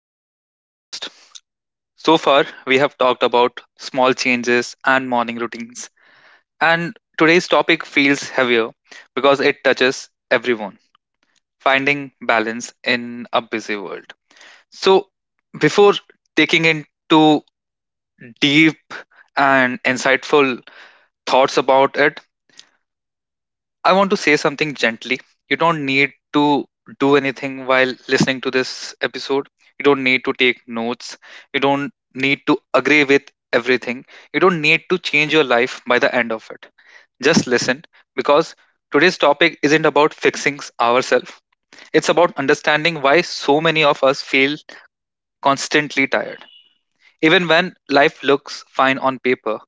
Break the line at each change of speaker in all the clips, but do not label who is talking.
back to the podcast. So far, we have talked about small changes and morning routines. And today's topic feels heavier because it touches everyone finding balance in a busy world. So, before taking into deep and insightful thoughts about it, I want to say something gently. You don't need to do anything while listening to this episode. You don't need to take notes. You don't need to agree with everything. You don't need to change your life by the end of it. Just listen because today's topic isn't about fixing ourselves. It's about understanding why so many of us feel constantly tired. Even when life looks fine on paper,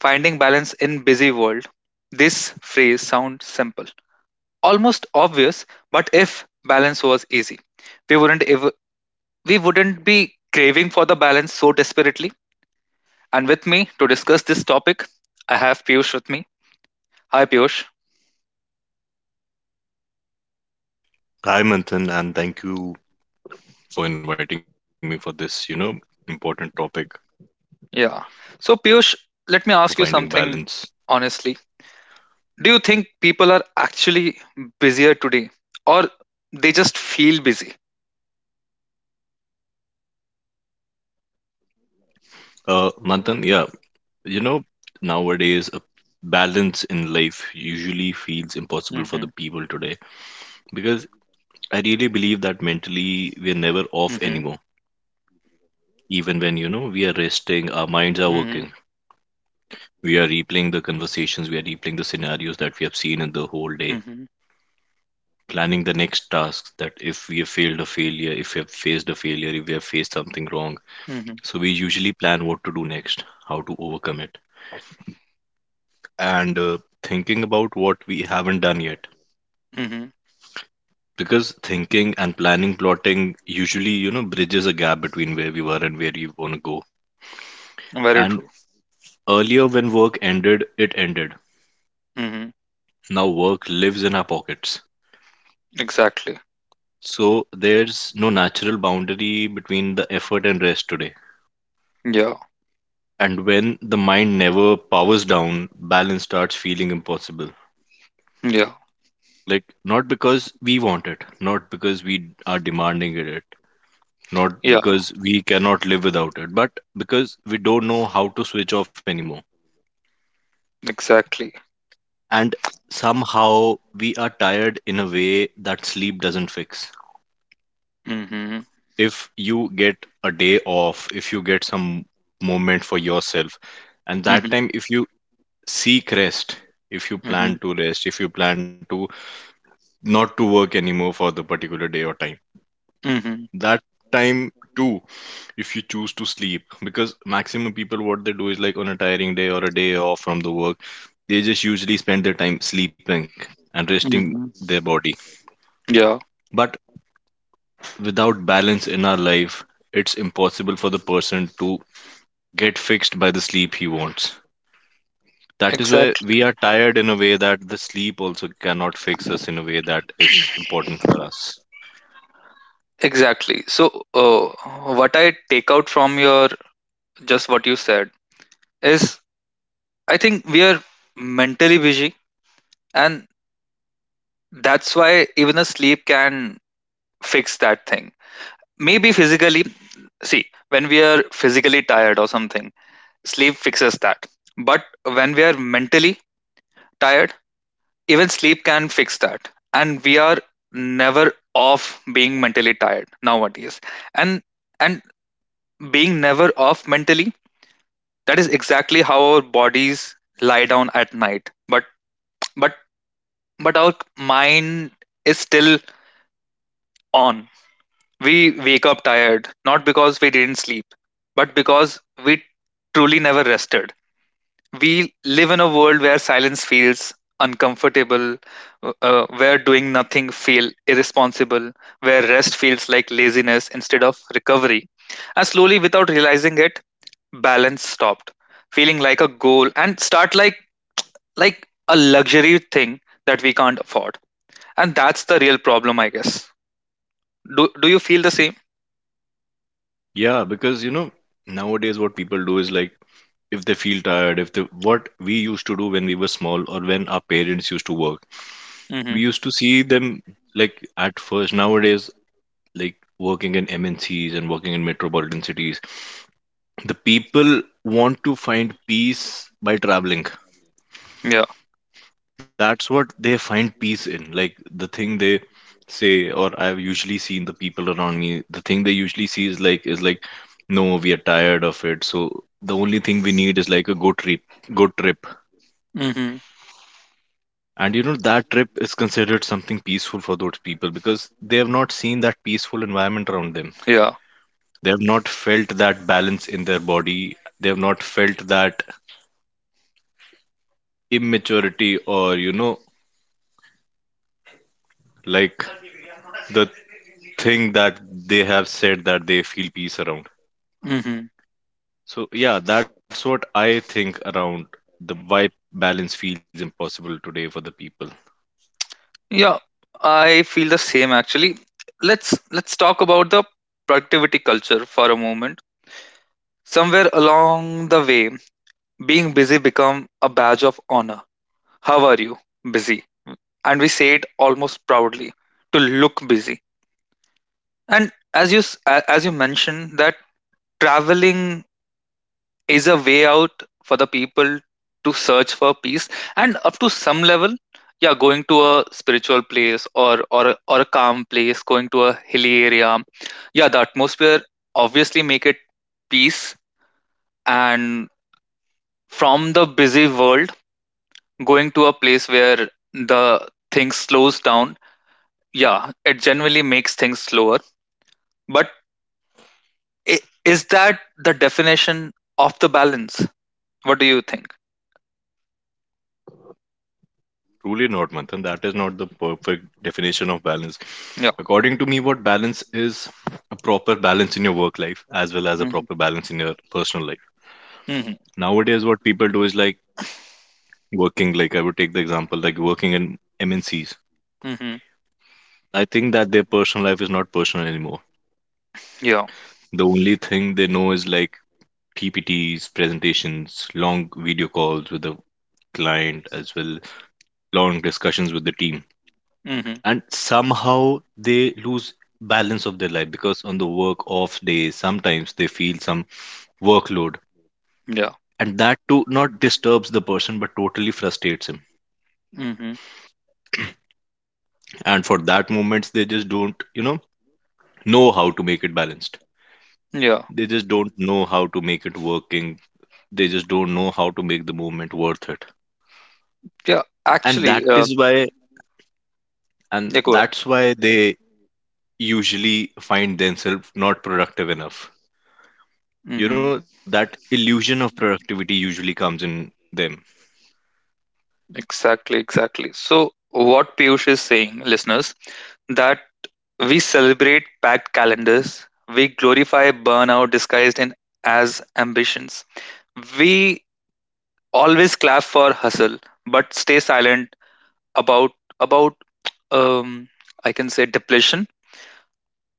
finding balance in busy world. This phrase sounds simple almost obvious, but if balance was easy, we wouldn't ev- we wouldn't be craving for the balance so desperately. And with me to discuss this topic, I have Piyush with me. Hi Piyush.
Hi, Manthan, and thank you for inviting me for this, important topic for finding
Yeah.
balance.
So Piyush, let me ask you something honestly. Do you think people are actually busier today or they just feel busy?
Manthan, yeah, you know, nowadays a balance in life usually feels impossible
Mhm.
for the people today because I really believe that mentally we are never
Mhm.
off anymore. Even when, we are resting, our
Mhm.
minds are working. We are replaying the conversations, we are replaying the scenarios
Mhm.
planning the next task that if we have failed a failure, if we have faced a failure, if we have faced something wrong. So we
Mhm.
usually plan what to do next, how to overcome it, and thinking about what we haven't done yet.
Mhm.
Because thinking and planning, plotting usually, bridges a gap between where we were and where we want to go.
Very
And
true.
earlier, when work ended, it ended.
Mhm.
Now work lives in our pockets.
Exactly.
So there's no natural boundary between the effort and rest today.
Yeah.
And when the mind never powers down, balance starts feeling impossible.
Yeah.
Like, not because we want it, not because we are demanding it, not
Yeah.
because we cannot live without it, but because we don't know how to switch off anymore.
Exactly.
And somehow we are tired in a way that sleep doesn't fix.
Mhm,
If you get a day off, if you get some moment for yourself, and that
mhm,
time, if you seek rest, if you
mhm,
plan to rest, if you plan to not to work anymore for the particular day or time.
mhm,
That time too, if you choose to sleep, because maximum people what they do is like on a tiring day or a day off from the work, they just usually spend their time sleeping and resting
mhm.
their body.
Yeah,
But without balance in our life, it's impossible for the person to get fixed by the sleep he wants. That is why
exactly,
we are tired in a way that the sleep also cannot fix us in a way that is important for us.
exactly. So, what I take out from your just what you said is I think we are mentally busy, and that's why even a sleep can fix that thing. Maybe physically, see, when we are physically tired or something, sleep fixes that. But when we are mentally tired, even sleep can fix that. And we are never off being mentally tired nowadays. And and being never off mentally, that is exactly how our bodies lie down at night. But but our mind is still on. We wake up tired, not because we didn't sleep, but because we truly never rested. We live in a world where silence feels uncomfortable, where doing nothing feel irresponsible, where rest feels like laziness instead of recovery. And slowly, without realizing it, balance stopped, feeling like a goal and start like a luxury thing that we can't afford. And that's the real problem, I guess. Do you feel the same?
Yeah, because nowadays what people do is like if they feel tired, if they what we used to do when we were small or when our parents used to we
Hmm.
used to see them like at first. Nowadays, like working in MNCs and working in metropolitan cities, the people want to find peace by traveling.
Yeah.
That's what they find peace in, like the thing they say, or I've usually seen the people around, the thing they usually see is like no, we are tired of it, so the only thing we need is like a good trip, good trip.
Hmm.
And you know that trip is considered something peaceful for those people because they have not seen that peaceful environment around them,
Yeah.
they have not felt that balance in their body, they have not felt that immaturity, or like the thing that they have said that they feel peace around.
Mm-hmm.
So yeah, that's what I think around the why balance feels impossible today for the people.
Yeah, I feel the same actually. Let's talk about the productivity culture for a moment. Somewhere along the way, being busy become a badge of honor. How are you? Busy. And we say it almost proudly to look busy. And as you mentioned that traveling is a way out for the people to search for peace and up to some level, yeah, going to a spiritual place or a calm place, going to a hilly area, yeah, the atmosphere obviously make it peace, and from the busy world going to a place where the things slows down, yeah, it generally makes things slower, but i- is that the definition of the balance, what do you think?
Truly not, Manthan. That is not the perfect definition of balance.
Yeah.
According to me, what balance is a proper balance in your work life as well as a
Hmm.
proper balance in your personal life.
Hmm.
Nowadays, what people do is like working, like I would take the example, like working in MNCs.
Hmm.
I think that their personal life is not personal anymore.
Yeah.
The only thing they know is like PPTs, presentations, long video calls with the client as well, long discussions with the team.
Mhm.
And somehow they lose balance of their life because on the work off days, sometimes they feel some workload.
Yeah.
And that too not disturbs the person but totally frustrates him.
Mhm.
And for that moments they just don't, know how to make it balanced.
Yeah.
They just don't know how to make it working. They just don't know how to make the movement worth it.
Yeah.
And
Actually,
that is why and
yeah, go ahead.
that's why they usually find themselves not productive enough.
Mhm.
You know, that illusion of productivity usually comes in them.
Exactly. Exactly. So, what Piyush is saying, listeners, that we celebrate packed calendars, we glorify burnout disguised in as ambitions. We always clap for hustle, but stay silent about about um, I can say depletion.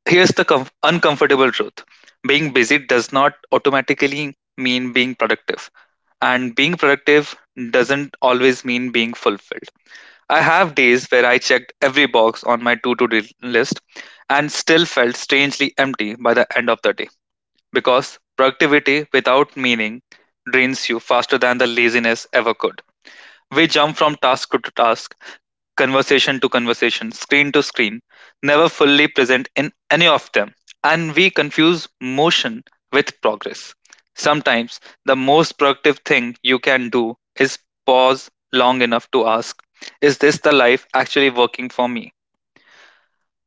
Here's the uncomfortable truth: being busy does not automatically mean being productive and being productive doesn't always mean being fulfilled. I have days where I checked every box on my to do list and still felt strangely empty by the end of the day because productivity without meaning drains you faster than the laziness ever could. We jump from task to task, conversation to conversation, screen to screen, never fully present in any of them, and we confuse motion with progress. Sometimes the most productive thing you can do is pause long enough to ask, is this the life actually working for me?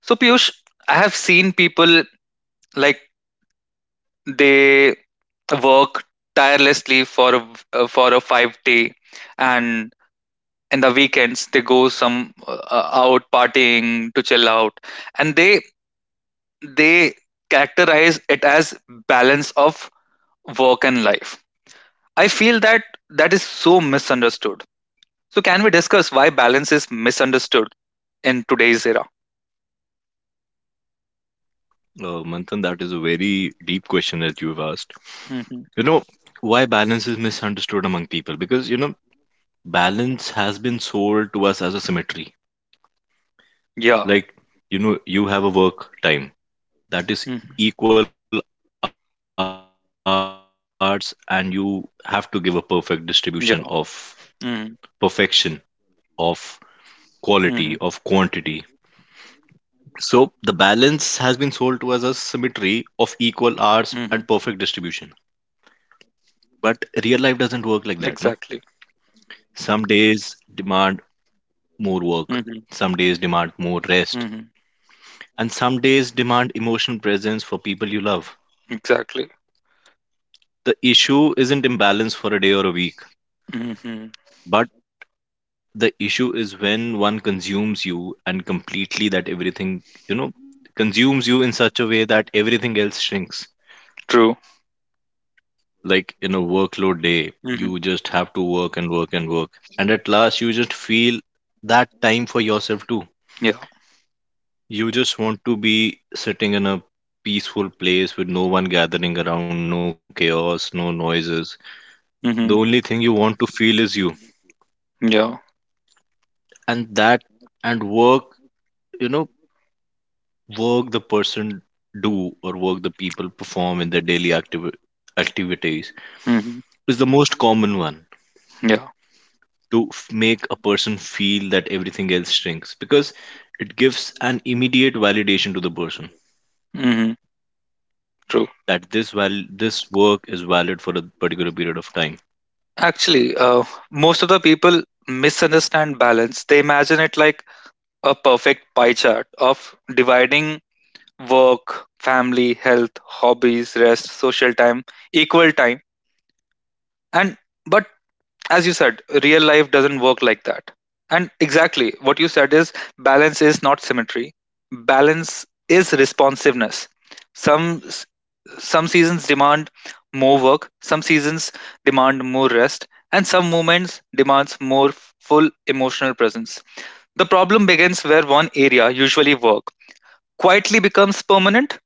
So, Piyush, I have seen people like they work tirelessly for a 5-day, and in the weekends they go some out partying to chill out, and they characterize it as balance of work and life. I feel that that is so misunderstood. So can we discuss why balance is misunderstood in today's era?
Manthan, that is a very deep question that you've asked.
Hmm.
You know, why balance is misunderstood among people? Because, balance has been sold to us as a symmetry.
Yeah.
Like, you have a work time that
Hmm.
is equal hours, and you have to give a perfect distribution of
Yeah.
perfection,
Hmm.
of quality, of quantity.
Hmm.
So the balance has been sold to us as symmetry of equal hours and perfect distribution.
Hmm.
But real life doesn't work like that, no?
Exactly.
Some days demand more work,
Hmm.
some days demand more rest,
Hmm.
and some days demand emotional presence for people you love.
Exactly.
The issue isn't imbalance for a day or a week,
Hmm.
but the issue is when one consumes you and completely that everything, you know, consumes you in such a way that everything else shrinks.
True.
Like in a workload day,
Hmm.
you just have to work and work and work, and at last you just feel that time for yourself too,
Yeah.
you just want to be sitting in a peaceful place with no one gathering around, no chaos, no noises. The
Hmm.
only thing you want to feel is you.
Yeah.
And that and work, you know work the person do, or work the people perform in daily activities
Hmm.
is the most common one
Yeah.
to make a person feel that everything else shrinks because it gives an immediate validation to the person
Hmm.
that this work is valid for a particular period of time.
Actually, most of the people misunderstand balance. They imagine it like a perfect pie chart of dividing work, family, health, hobbies, rest, social time, equal time. And but as you said, real life doesn't work like that. And exactly what you said is balance is not symmetry. Balance is responsiveness. Some some seasons demand more work, some seasons demand more rest, and some moments demands more full emotional presence. The problem begins where one area, usually work, quietly becomes permanent,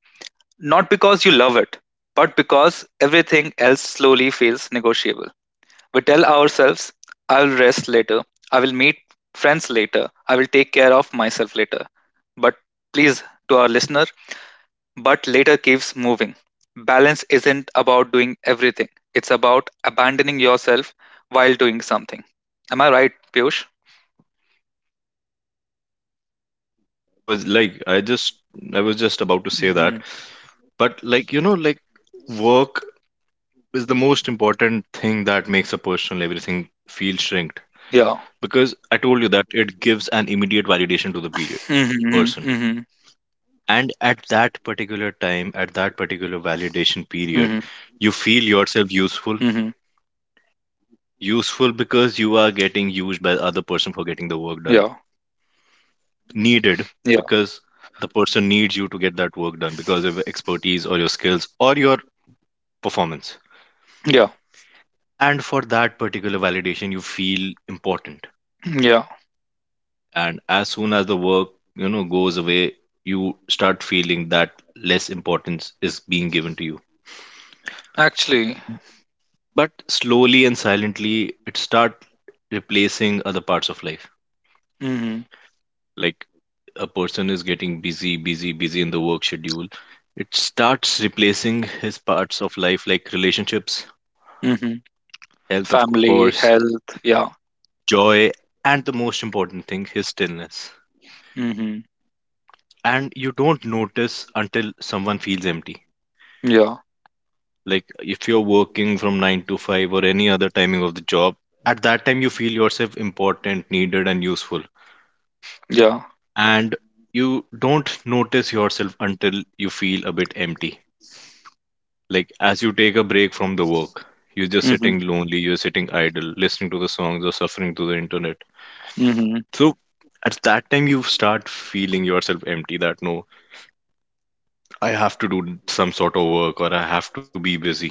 not because you love it, but because everything else slowly feels negotiable. We tell ourselves, I'll rest later, I will meet friends later, I will take care of myself later. But please, to our listeners, but later keeps moving. Balance isn't about doing everything, it's about abandoning yourself while doing something. Am I right, Piyush?
Absolutely right, Manthan. The thing I was like, I was just about to say that,
Hmm.
but work is the most important thing that makes a person everything feel shrinked
Yeah.
because I told you that it gives an immediate validation to the period
Hmm.
person.
Hmm.
And at that particular time, at that particular validation period,
Hmm.
you feel yourself useful.
Hmm.
Useful because you are getting used by the other person for getting the work done.
Yeah.
Needed
Yeah.
because the person needs you to get that work done because of your expertise or your skills performance.
Yeah.
And for that particular validation you feel important,
Yeah.
and as soon as the work, goes away, you start feeling that less importance is being given to you.
Actually.
But slowly and silently it start replacing other parts of life,
Hmm.
like a person is getting busy in the work schedule. It starts replacing his parts of life, like relationships,
Hmm.
health, of
Family,
course,
health. Yeah.
joy, and the most important thing, his stillness.
Hmm.
And you don't notice until someone feels empty.
Yeah.
Like if you're working from 9 to 5 or any other timing of the job, at that time you feel yourself important, needed and useful,
Yeah.
and you don't notice yourself until you feel a bit empty. Like as you take a break from the work, you're just
Hmm.
sitting lonely, you're sitting idle, listening to the songs or suffering to the internet.
Hmm.
So at that time, you start feeling yourself empty that no, I have to do some sort of work or I have to be busy.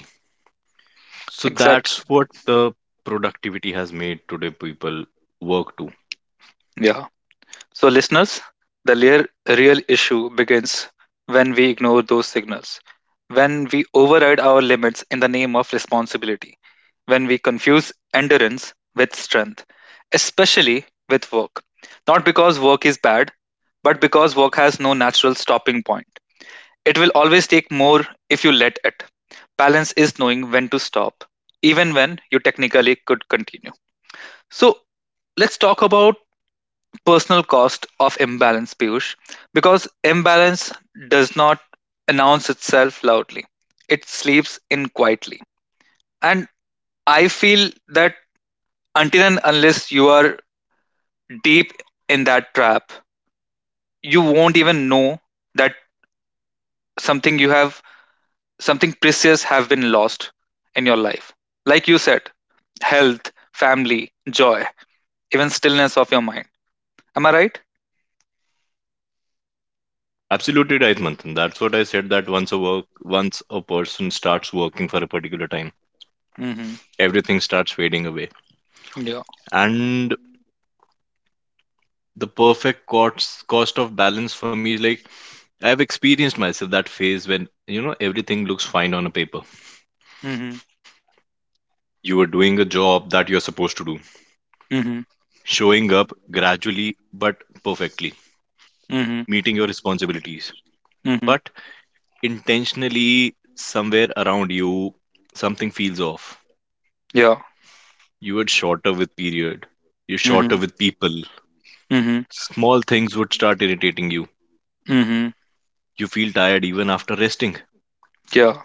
So that's
Exactly.
what the productivity has made today people work to.
Yeah. So, listeners, the real issue begins when we ignore those signals, when we override our limits in the name of responsibility, when we confuse endurance with strength, especially with work. Not because work is bad, but because work has no natural stopping point. It will always take more if you let it. Balance is knowing when to stop, even when you technically could continue. So, let's talk about personal cost of imbalance, Piyush, because imbalance does not announce itself loudly. It sleeps in quietly. And I feel that until and unless you are deep in that trap, you won't even know that something you have, something precious have been lost in your life. Like you said, health, family, joy, even stillness of your mind. Am I right?
Absolutely right, Manthan. That's what I said that once a person starts working for a particular time
Mm-hmm.
everything starts fading away.
Yeah.
And the perfect cost of balance for me, like I've experienced myself that phase when you know everything looks fine on a paper.
Mm-hmm.
You are doing a job that you're supposed to do,
Mm-hmm.
showing up gradually but perfectly,
Mm-hmm.
meeting your responsibilities.
Mm-hmm.
But intentionally, somewhere around you, something feels off.
Yeah.
You are shorter with period. You're shorter
Mhm.
with people.
Mhm.
Small things would start irritating you.
Mhm.
You feel tired even after resting,
Yeah.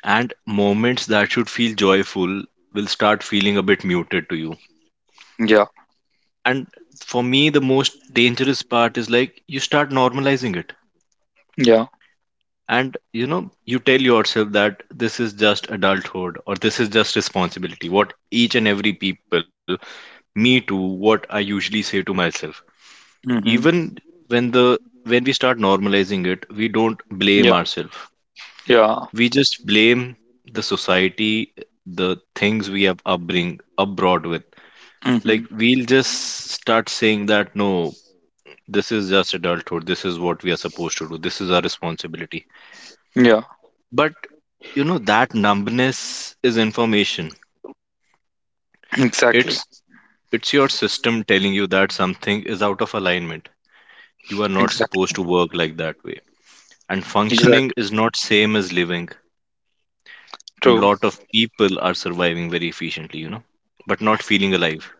and moments that should feel joyful will start feeling a bit muted to you.
Yeah.
And for me the most dangerous part is like you start normalizing it,
Yeah.
and you know you tell yourself that this is just adulthood, or this is just responsibility, what each and every people, me too, what I usually say to myself. Even
Mhm.
when the when we start normalizing it, we don't blame
Yeah.
ourselves,
Yeah.
we just blame the society, the things we have upbring up brought with. Like
Mhm.
we'll just start saying that no, this is just adulthood, this is what we are supposed to do, this is our responsibility.
Yeah.
But you know that numbness is information.
Exactly.
It's it's your system telling you that something is out of alignment, you are not
Exactly.
supposed to work like that way. And functioning
Exactly.
is not same as living, and
True.
lot of people are surviving very efficiently, you know, but not feeling alive.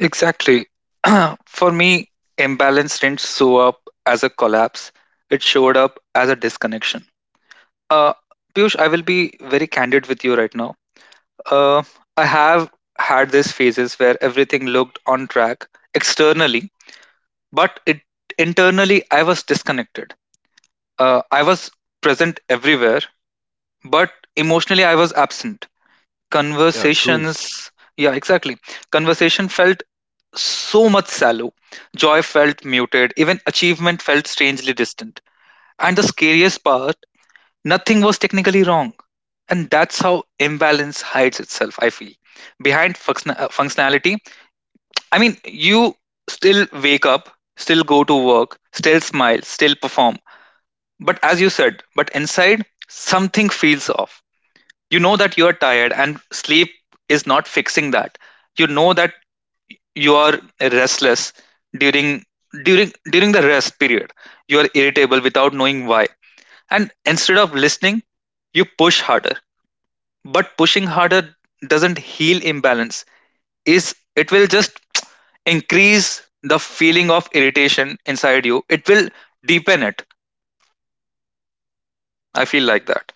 Exactly. For me, imbalance didn't show up as a collapse. It showed up as a disconnection. Uh, Piyush, I will be very candid with you right now. Uh, I have had these phases where everything looked on track externally, but it internally I was disconnected. I was present everywhere, but emotionally I was absent.
Yeah, true.
Conversations, yeah, exactly. Conversation felt so much shallow. Joy felt muted. Even achievement felt strangely distant. And the scariest part, nothing was technically wrong. And that's how imbalance hides itself, I feel. Behind functionality, I mean, you still wake up, still go to work, still smile, still perform. But as you said, but inside, something feels off. You know that you're tired and sleep is not fixing that. You know that you are restless during during the rest period. You are irritable without knowing why, and instead of listening you push harder, but pushing harder doesn't heal imbalance. Is it will just increase the feeling of irritation inside you. It will deepen it, I feel like that.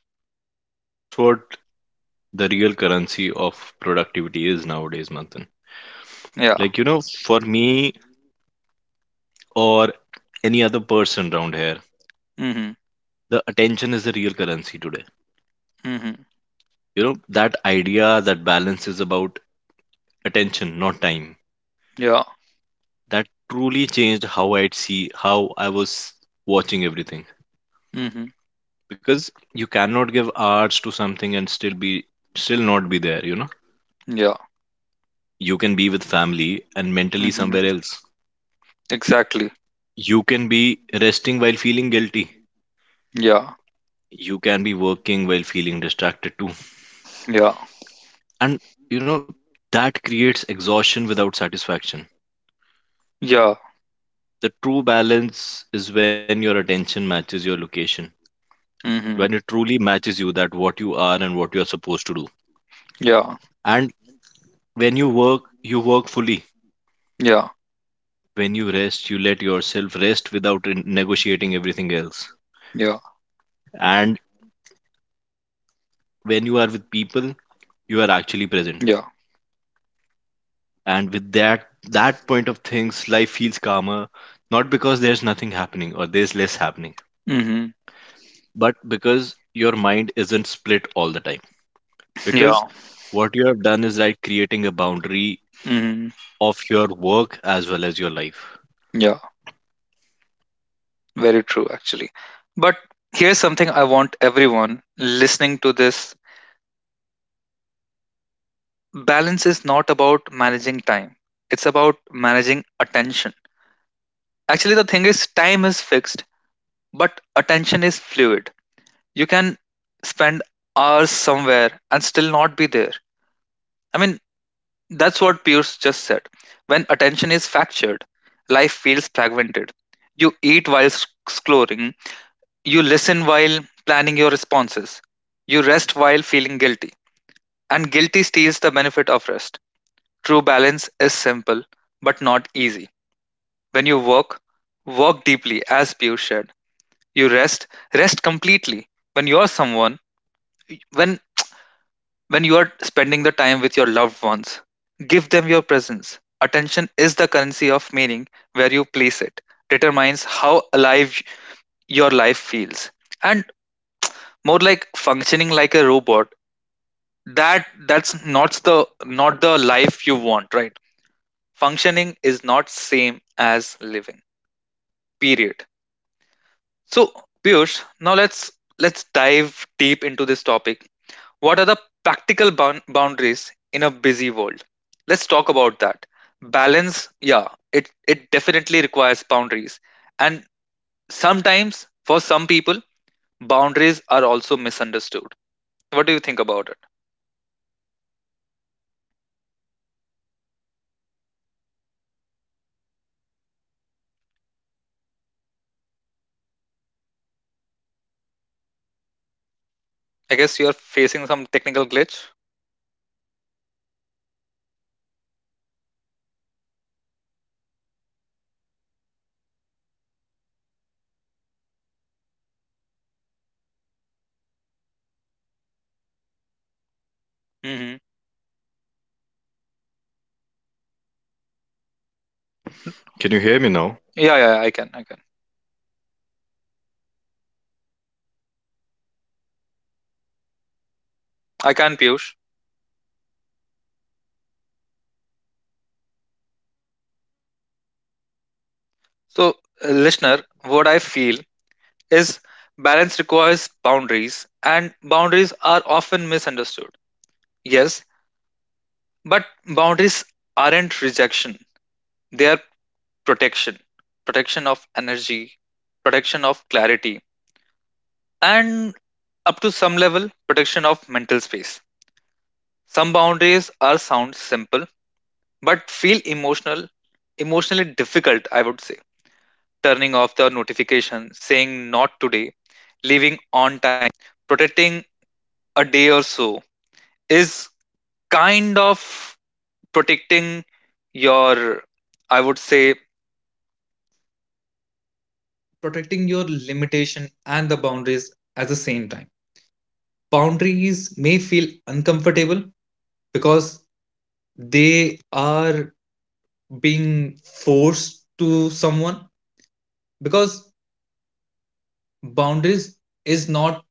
That's what the real currency of productivity is nowadays, Manthan.
Yeah.
Like, for me or any other person around here,
Mhm.
the attention is the real currency today.
Mhm.
You know, that idea, that balance is about attention, not time.
Yeah.
That truly changed how I'd see, how I was watching everything.
Mhm.
Because you cannot give hours to something and still be, still not be there,
Yeah.
You can be with family and mentally somewhere
Mhm.
else.
Exactly.
You can be resting while feeling guilty.
Yeah.
You can be working while feeling distracted too,
Yeah.
and you know that creates exhaustion without satisfaction.
Yeah.
The true balance is when your attention matches your location, when it
Mhm.
truly matches you, that what you are and what you are supposed to do.
Yeah.
And when you work, you work fully.
Yeah.
When you rest, you let yourself rest without negotiating everything else.
Yeah.
And when you are with people, you are actually present.
Yeah.
And with that, that point of things, life feels calmer, not because there's nothing happening or there's less happening,
Mhm.
but because your mind isn't split all the time,
Yeah.
because what you have done is like creating a boundary
Mhm.
of your work as well as your life.
Yeah. Very true actually. But here's something I want everyone listening to this balance is not about managing time. It's about managing attention. Actually the thing is time is fixed, but attention is fluid. You can spend hours somewhere and still not be there. I mean that's what Pierce just said. When attention is fractured, life feels fragmented. You eat while exploring, you listen while planning your responses, you rest while feeling guilty. And guilty steals the benefit of rest. True balance is simple, but not easy. When you work, work deeply, as Pierce said. You rest, rest completely. When When you are spending the time with your loved ones, give them your presence. Attention is the currency of meaning. Where you place it determines how alive your life feels. And more like functioning like a robot, that's not the life you want, right? Functioning is not same as living. Period. So, Piyush, now let's dive deep into this topic. What are the practical boundaries in a busy world? Let's talk about that. Balance, yeah, it definitely requires boundaries. And sometimes, for some people, boundaries are also misunderstood. What do you think about it?
Uh, manthan, you actually said the true things that nowadays people
I guess you are
feel, or
facing
nowadays
some
people
technical
have to
glitch.
do because
Mm-hmm.
can you hear me, manthan? Can you hear me
Yeah, yeah, yeah,
now?
I can, I can.
Yeah, I'm sorry for the technical, I don't know what just happened, I'm sorry for it, but
I can,
the
Piyush.
thing I want to say is, like, yeah, the practical boundaries in a busy world that a person has
So,
usually created in his
listener,
life.
what I feel
It
is
is like,
balance requires
yeah, it is like
boundaries, and boundaries are often misunderstood. Yes, but boundaries aren't rejection, they are protection. Protection of energy, protection of clarity, and up to some level, protection of mental space. Some boundaries are sound simple, but feel emotional, emotionally difficult, I would say. Turning off the notification, saying not today, leaving on time, protecting a day or so is kind of protecting your, I would say, protecting your limitation and the boundaries at the same time. Boundaries may feel uncomfortable because they are being forced to someone because boundaries is not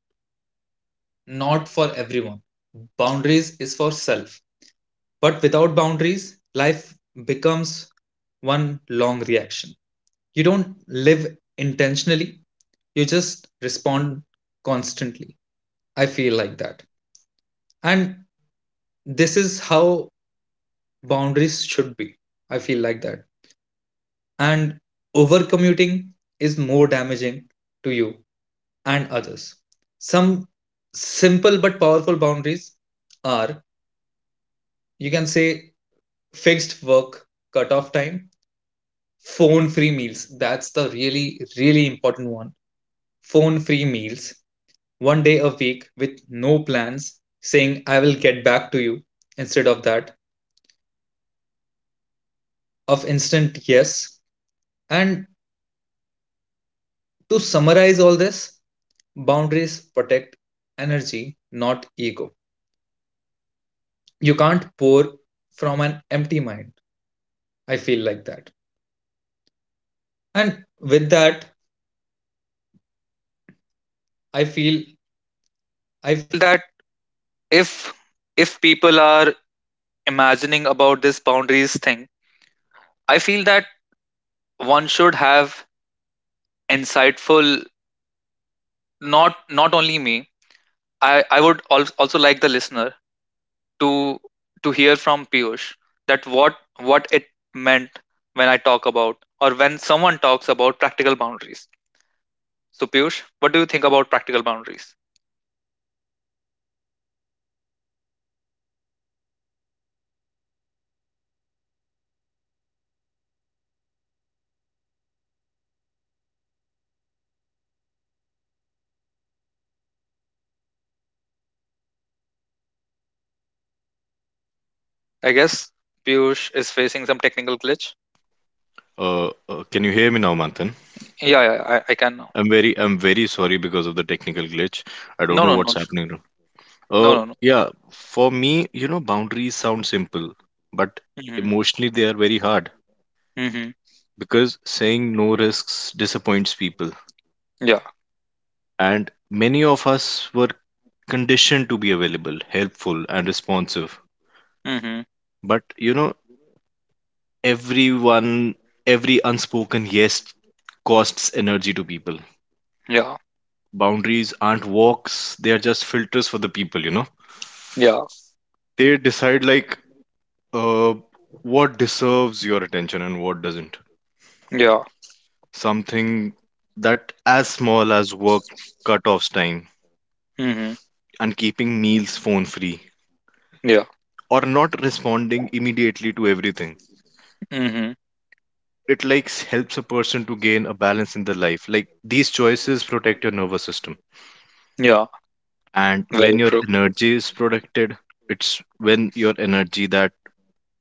not for everyone. Boundaries is for self. But without boundaries, life becomes one long reaction. You don't live intentionally, you just respond constantly. I feel like that. And this is how boundaries should be, I feel like that. And over commuting is more damaging to you and others. Some simple but powerful boundaries are, you can say, fixed work cutoff time, phone free meals — that's the really really important one — phone free meals, one day a week with no plans, saying I will get back to you instead of that of instant yes. And to summarize all this, boundaries protect energy, not ego. You can't pour from an empty mind. I feel like that. And with that, I feel I feel that if if people are imagining about this boundaries thing, I feel that one should have insightful, not only me. I would also like the listener to to hear from Piyush that what it meant when I talk about or when someone talks about practical boundaries. So Piyush, what do you think about practical boundaries? I guess Piyush is facing some technical glitch.
Can you hear me now, Manthan?
Yeah, yeah, I can now.
I'm very sorry because of the technical glitch. I don't
No,
know
no,
what's
no, sure.
happening now.
No, no, no.
Yeah, for me, boundaries sound simple, but
Hmm.
emotionally they are very hard,
Hmm.
because saying no risks disappoints people.
Yeah.
And many of us were conditioned to be available, helpful, and responsive.
Hmm.
But, everyone, every unspoken yes costs energy to people.
Yeah.
Boundaries aren't walks, they are just filters for the people,
Yeah.
they decide, like, uh, what deserves your attention and what doesn't.
Yeah.
Something that as small as work cut-offs time,
Hmm.
and keeping meals phone free,
Yeah.
or not responding immediately to everything,
hmm
it like helps a person to gain a balance in their life. Like, these choices protect your nervous system,
Yeah.
and
Very
when your
true.
energy is protected, it's when your energy that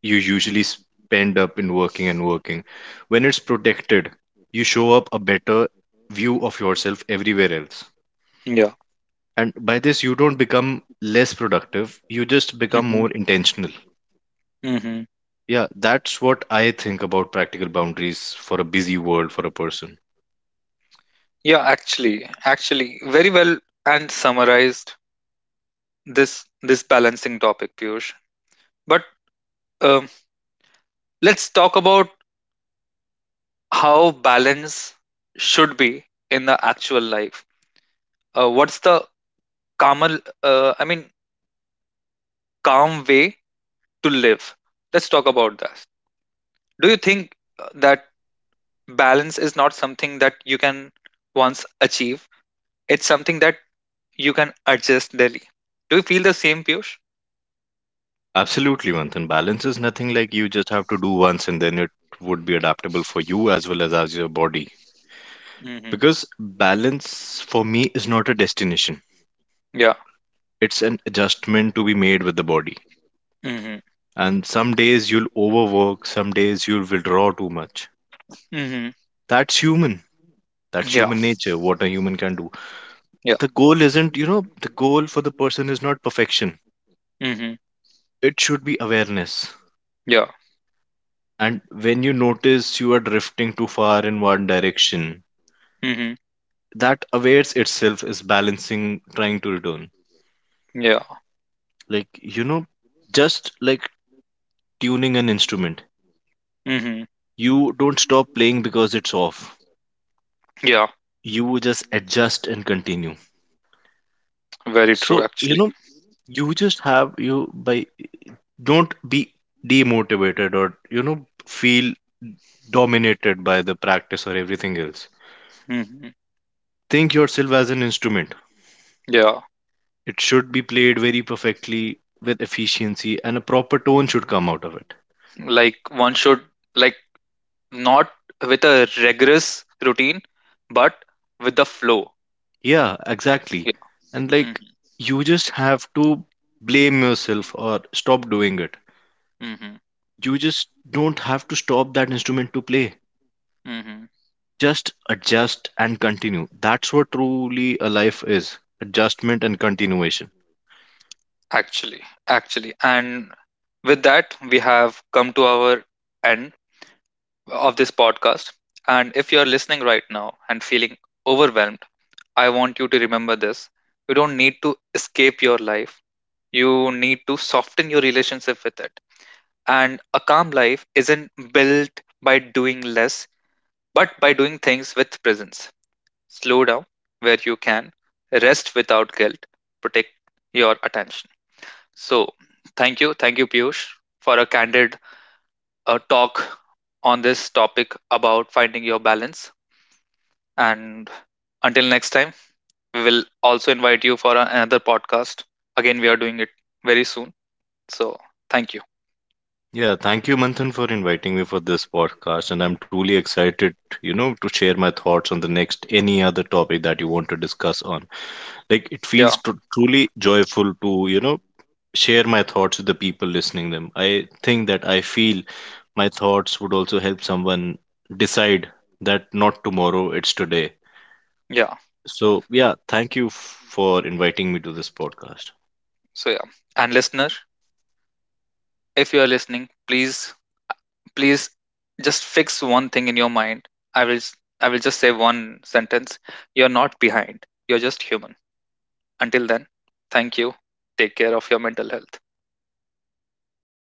you usually spend up in working and working. When it's protected, you show up a better view of yourself everywhere else.
Yeah.
And by this, you don't become less productive, you just become
Mm-hmm.
more intentional.
Hmm.
Yeah, that's what I think about practical boundaries for a busy world for a person.
Yeah. Actually, actually, very well and summarized this balancing topic, Piyush. But um, let's talk about how balance should be in the actual life. What's the calmer, I mean, calm way to live? Let's talk about that. Do you think that balance is not something that you can once achieve? It's something that you can adjust daily. Do you feel the same, Piyush?
Absolutely, Manthan. Balance is nothing like you just have to do once and then it would be adaptable for you as well as your body.
Mm-hmm.
Because balance for me is not a destination.
Yeah.
It's an adjustment to be made with the body.
Mm-hmm.
And some days you'll overwork, some days you'll withdraw too much.
Mm-hmm.
That's human. That's
Yeah.
human nature, what a human can do.
Yeah.
The goal isn't, the goal for the person is not perfection.
Mm-hmm.
It should be awareness.
Yeah.
And when you notice you are drifting too far in one direction,
Mm-hmm.
that awares itself is balancing, trying to return.
Yeah.
Like, just like tuning an instrument,
Mm-hmm.
you don't stop playing because it's off.
Yeah.
You just adjust and continue.
Very true,
So,
actually.
you just have you by, don't be demotivated, or feel dominated by the practice or everything else.
Hmm.
Think yourself as an instrument,
Yeah,
it should be played very perfectly with efficiency, and a proper tone should come out of it.
like one should, like, not with a rigorous routine, but with the flow.
Yeah, exactly.
Yeah.
And,
Mm-hmm.
like, you just have to blame yourself or stop doing it.
Mm-hmm.
You just don't have to stop that instrument to play.
Hmm.
Just adjust and continue. That's what truly a life is, adjustment and continuation.
Actually, actually, and with that, we have come to our end of this podcast. And if you are listening right now and feeling overwhelmed, I want you to remember this: you don't need to escape your life. You need to soften your relationship with it. And a calm life isn't built by doing less, but by doing things with presence. Slow down where you can, rest without guilt, protect your attention. So, thank you, Piyush, for a candid talk on this topic about finding your balance. And until next time, we will also invite you for another podcast. Again, we are doing it very soon. So, thank you.
Yeah, thank you, Manthan, for inviting me for this podcast. And I'm truly excited, to share my thoughts on the next any other topic that you want to discuss on. Like, it
Yeah,
feels truly joyful to, share my thoughts with the people listening them. I think that I feel my thoughts would also help someone decide that not tomorrow, it's today.
yeah.
So, yeah, thank you for inviting me to this podcast.
So, yeah. And listener, if you are listening, please, please, just fix one thing in your mind. I will just say one sentence: you're not behind, you're just human. Until then, thank you. Take care of your mental health.